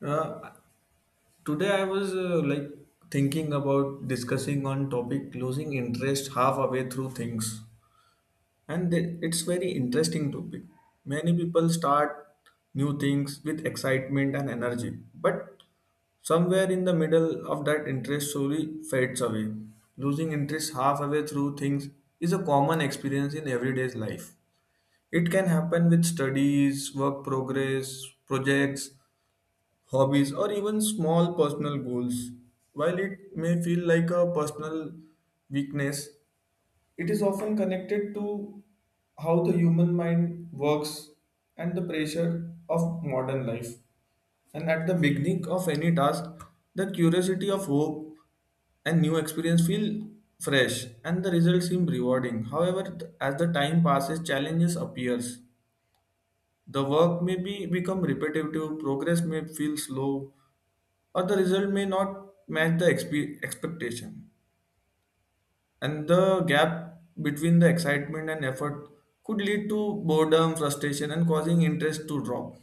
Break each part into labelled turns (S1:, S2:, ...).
S1: Uh, Today I was like thinking about discussing on topic losing interest halfway through things, and it's very interesting topic. Many people start new things with excitement and energy, but somewhere in the middle of that interest slowly fades away. Losing interest halfway through things is a common experience in everyday's life. It can happen with studies, work progress, projects, hobbies, or even small personal goals. While it may feel like a personal weakness, it is often connected to how the human mind works and the pressure of modern life. And at the beginning of any task, the curiosity of hope and new experience feel fresh and the results seem rewarding. However, as the time passes, challenges appears, the work may be become repetitive, progress may feel slow, or the result may not match the expectation. And the gap between the excitement and effort could lead to boredom, frustration, and causing interest to drop.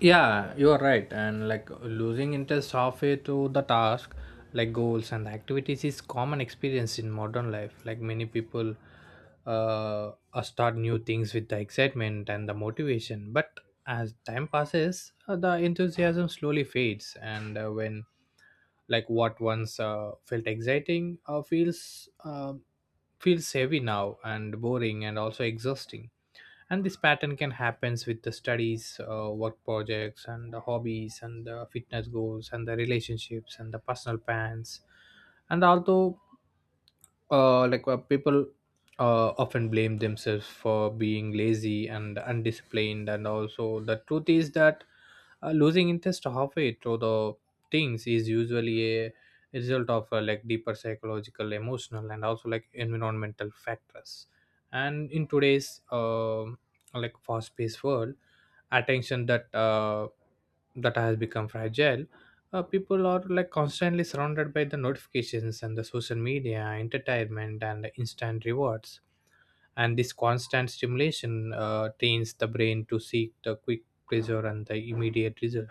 S2: Yeah, you are right. And like losing interest halfway through the task, like goals and activities, is common experience in modern life. Like many people start new things with the excitement and the motivation. But as time passes, the enthusiasm slowly fades. And when like what once felt exciting feels heavy now and boring and also exhausting, and this pattern can happens with the studies, work projects and the hobbies and the fitness goals and the relationships and the personal plans. And although people often blame themselves for being lazy and undisciplined, and also the truth is that losing interest halfway through the things is usually a result of deeper psychological, emotional and also like environmental factors. And in today's like fast paced world, attention that that has become fragile. People are like constantly surrounded by the notifications and the social media entertainment and instant rewards, and this constant stimulation trains the brain to seek the quick pleasure and the immediate result.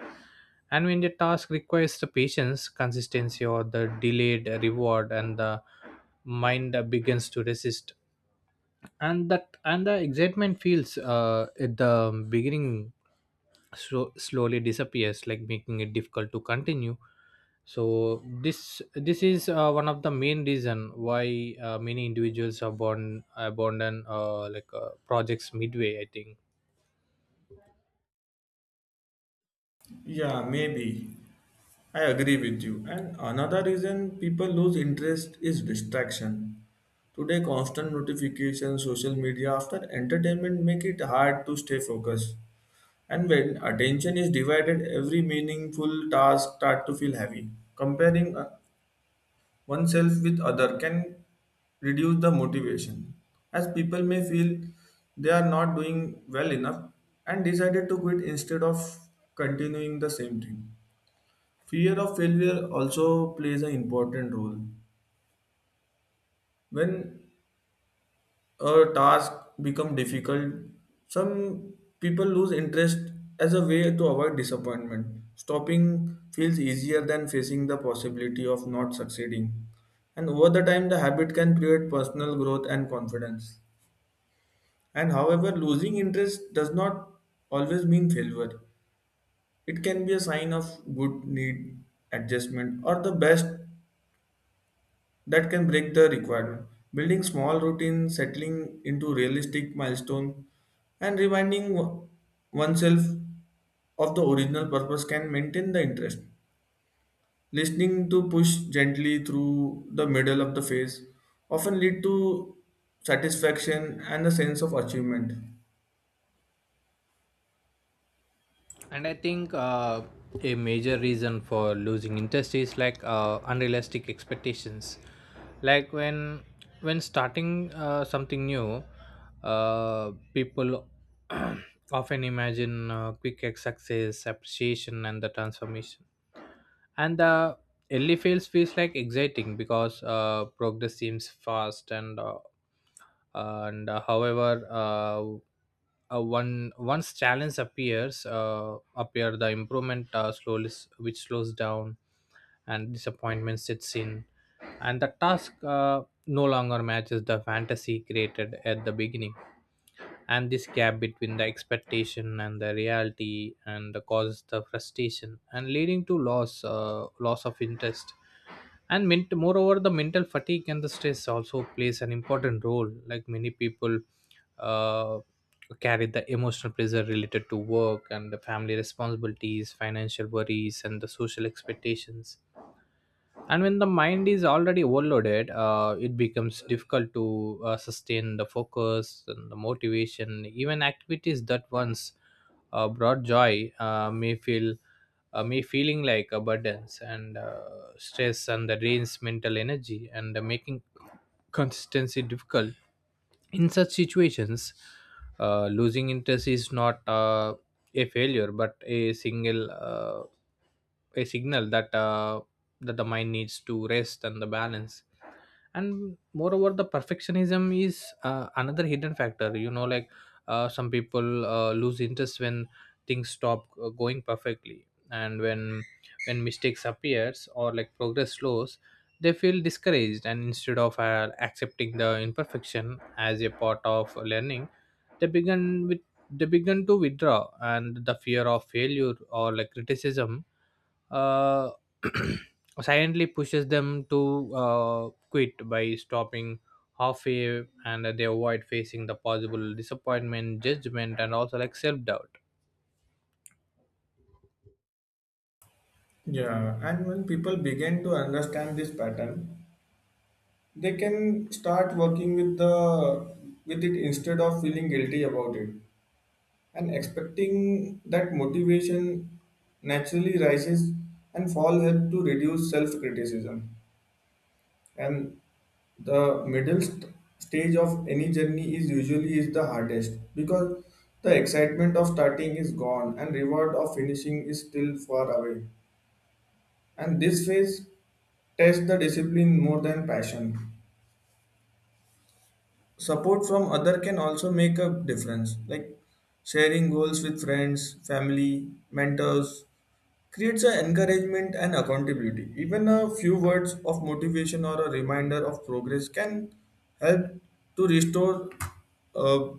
S2: And when the task requires the patience, consistency, or the delayed reward, and the mind begins to resist, and that and the excitement feels at the beginning so slowly disappears, like making it difficult to continue. So this is one of the main reason why many individuals abandon projects midway, I think.
S1: Yeah, maybe. I agree with you. And another reason people lose interest is distraction. Today, constant notifications, social media, after entertainment make it hard to stay focused. And when attention is divided, every meaningful task start to feel heavy. Comparing oneself with other can reduce the motivation as people may feel they are not doing well enough and decided to quit instead of continuing the same thing. Fear of failure also plays an important role when a task become difficult. Some people lose interest as a way to avoid disappointment. Stopping feels easier than facing the possibility of not succeeding, and over the time the habit can create personal growth and confidence. And however, losing interest does not always mean failure. It can be a sign of good need adjustment or the best that can break the requirement. Building small routines, settling into realistic milestone, and reminding oneself of the original purpose can maintain the interest. Listening to push gently through the middle of the phase often lead to satisfaction and a sense of achievement.
S2: And I think a major reason for losing interest is like unrealistic expectations, like when starting something new, people often imagine quick success, appreciation and the transformation. And the early phase feels like exciting because progress seems fast, and however one once challenge appear, the improvement which slows down and disappointment sits in, and the task no longer matches the fantasy created at the beginning. And this gap between the expectation and the reality and the causes the frustration and leading to loss of interest. And moreover, the mental fatigue and the stress also plays an important role, like many people uh, carry the emotional pressure related to work and the family responsibilities, financial worries and the social expectations. And when the mind is already overloaded, it becomes difficult to sustain the focus and the motivation. Even activities that once brought joy may feeling like a burden and stress and the drains mental energy and making consistency difficult. In such situations, losing interest is not a failure but a single a signal that the mind needs to rest and the balance. And moreover, the perfectionism is another hidden factor, you know, like some people lose interest when things stop going perfectly, and when mistakes appears or like progress slows, they feel discouraged, and instead of accepting the imperfection as a part of learning, they begin they began to withdraw. And the fear of failure or like criticism uh, silently pushes them to quit by stopping halfway, and they avoid facing the possible disappointment, judgment and also like self-doubt.
S1: Yeah, and when people begin to understand this pattern, they can start working with the with it instead of feeling guilty about it. And expecting that motivation naturally rises and fall help to reduce self-criticism. And the middle stage of any journey is usually is the hardest because the excitement of starting is gone and reward of finishing is still far away. And this phase tests the discipline more than passion. Support from other can also make a difference, like sharing goals with friends, family, mentors creates a encouragement and accountability. Even a few words of motivation or a reminder of progress can help to restore uh,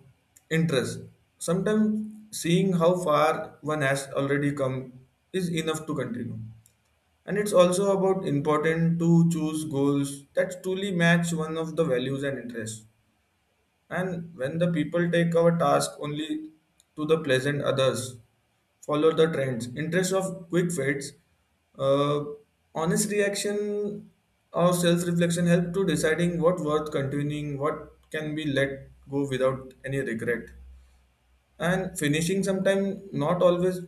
S1: interest. Sometimes seeing how far one has already come is enough to continue. And it's also about important to choose goals that truly match one of the values and interests. And when the people take our task only to the pleasant others, follow the trends, interest of quick fades, uh, honest reaction or self-reflection help to deciding what worth continuing, what can be let go without any regret. And finishing sometimes not always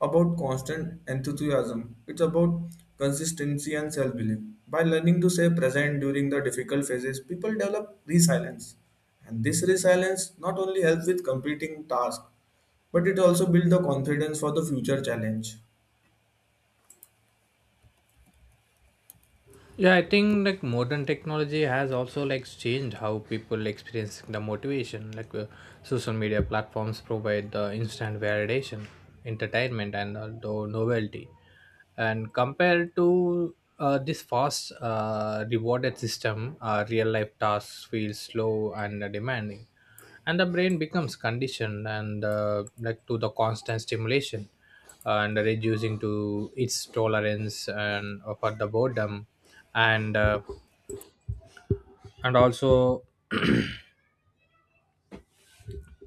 S1: about constant enthusiasm. It's about consistency and self-belief. By learning to stay present during the difficult phases, people develop resilience. And this resilience not only helps with completing tasks, but it also builds the confidence for the future challenge.
S2: Yeah, I think like modern technology has also like changed how people experience the motivation, like social media platforms provide the instant validation, entertainment and the novelty. And compared to this fast rewarded system, real life tasks feel slow and demanding, and the brain becomes conditioned and like to the constant stimulation and reducing to its tolerance and for the boredom. and uh, and also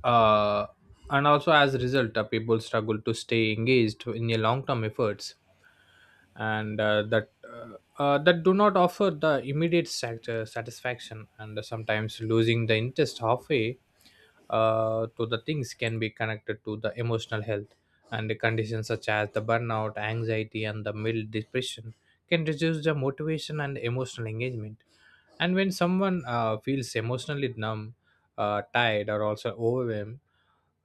S2: uh, and also, as a result, people struggle to stay engaged in a long term efforts and that that do not offer the immediate satisfaction. And sometimes losing the interest halfway to the things can be connected to the emotional health and the conditions such as the burnout, anxiety and the mild depression can reduce the motivation and emotional engagement. And when someone feels emotionally numb, tired or also overwhelmed,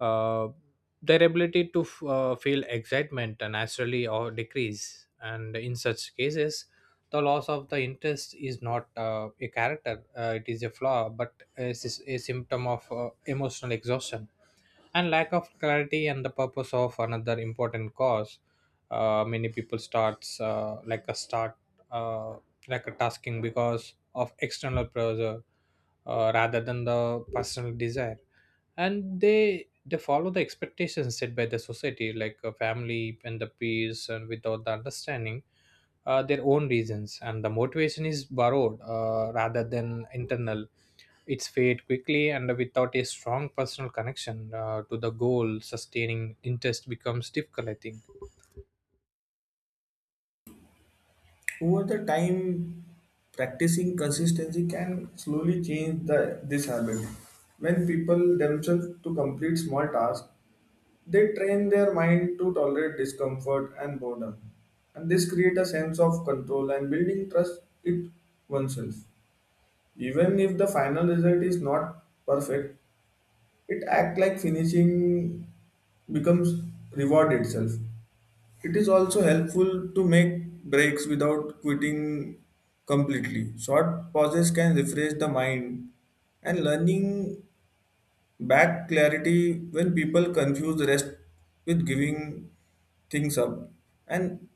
S2: uh, their ability to feel excitement naturally or decrease. And in such cases, the loss of the interest is not a character; it is a flaw, but it is a symptom of emotional exhaustion and lack of clarity and the purpose of another important cause. Many people starts uh, like a tasking because of external pressure rather than the personal desire, and they follow the expectations set by the society, like a family and the peers, and without the understanding their own reasons. And the motivation is borrowed rather than internal, it's fade quickly, and without a strong personal connection to the goal, sustaining interest becomes difficult, I think.
S1: Over the time, practicing consistency can slowly change this habit. When people themselves to complete small tasks, they train their mind to tolerate discomfort and boredom, and this creates a sense of control and building trust it oneself. Even if the final result is not perfect, it acts like finishing becomes reward itself. It is also helpful to make breaks without quitting completely. Short pauses can refresh the mind, and learning back clarity when people confuse rest with giving things up. And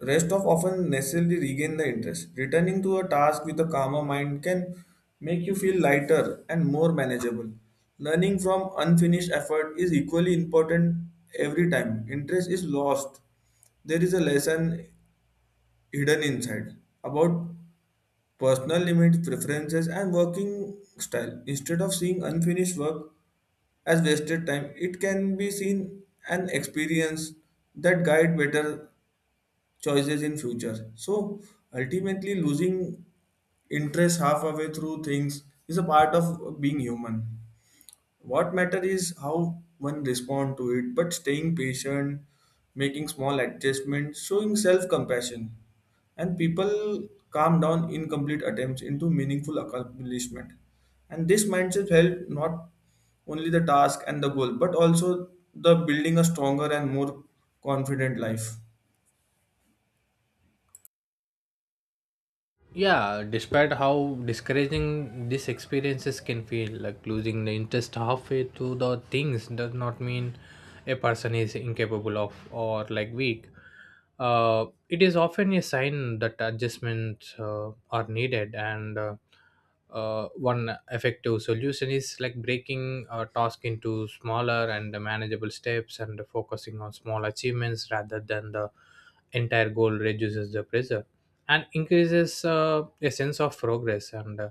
S1: rest of often necessarily regain the interest. Returning to a task with a calmer mind can make you feel lighter and more manageable. Learning from unfinished effort is equally important. Every time interest is lost, there is a lesson hidden inside about personal limits, preferences, and working style, instead of seeing unfinished work as wasted time. It can be seen an experience that guide better choices in future. So ultimately losing interest halfway through things is a part of being human. What matter is how one respond to it, but staying patient, making small adjustments, showing self-compassion, and people calm down incomplete attempts into meaningful accomplishment. And this mindset help not only the task and the goal, but also the building a stronger and more confident life.
S2: Yeah, despite how discouraging these experiences can feel, like losing the interest halfway through the things does not mean a person is incapable of or like weak. It is often a sign that adjustments are needed and one effective solution is like breaking a task into smaller and manageable steps, and focusing on small achievements rather than the entire goal reduces the pressure and increases a sense of progress, and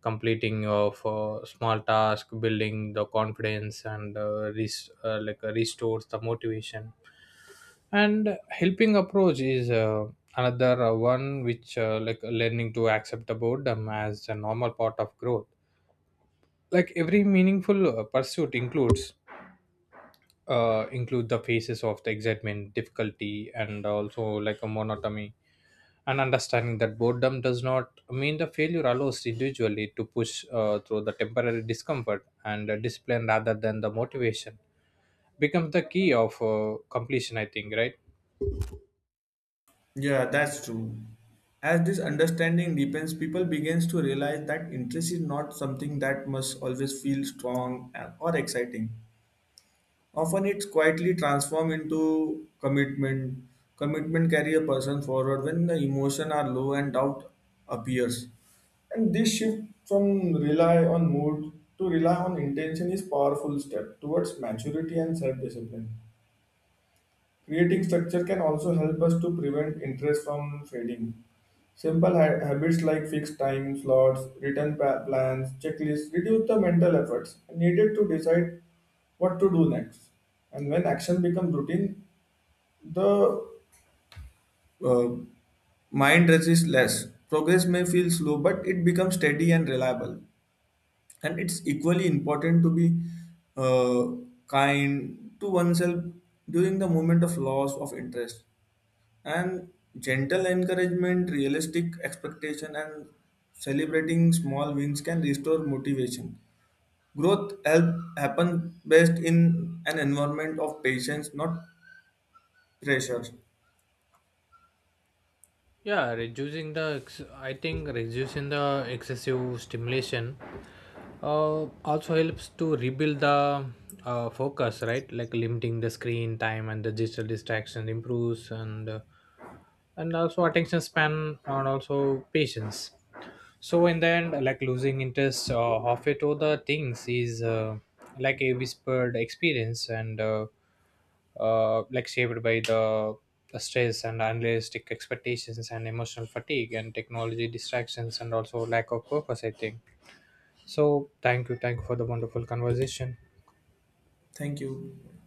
S2: completing of small task building the confidence and restores the motivation. And helping approach is another one which like learning to accept the boredom as a normal part of growth. Like every meaningful pursuit includes include the phases of the excitement, difficulty and also like a monotony, and understanding that boredom does not mean the failure allows individually to push through the temporary discomfort, and discipline rather than the motivation becomes the key of completion, I think, right?
S1: Yeah, that's true. As this understanding deepens, people begins to realize that interest is not something that must always feel strong or exciting. Often it's quietly transformed into commitment. Commitment carry a person forward when the emotion are low and doubt appears. And this shift from rely on mood to rely on intention is powerful step towards maturity and self-discipline. Creating structure can also help us to prevent interest from fading. Simple habits like fixed time slots, written plans, checklists reduce the mental efforts needed to decide what to do next. And when action becomes routine, the uh, mind resists less. Progress may feel slow, but it becomes steady and reliable. And it's equally important to be uh, kind to oneself during the moment of loss of interest. And gentle encouragement, realistic expectation, and celebrating small wins can restore motivation. Growth help happen best in an environment of patience, not pleasure.
S2: Yeah, reducing the I think reducing the excessive stimulation also helps to rebuild the focus, right? Like limiting the screen time and the digital distraction improves and also attention span and also patience. So in the end, like losing interest of it other things is like a whispered experience, and like shaped by the stress and unrealistic expectations and emotional fatigue and technology distractions and also lack of purpose, I think. So, thank you. Thank you for the wonderful conversation.
S1: Thank you.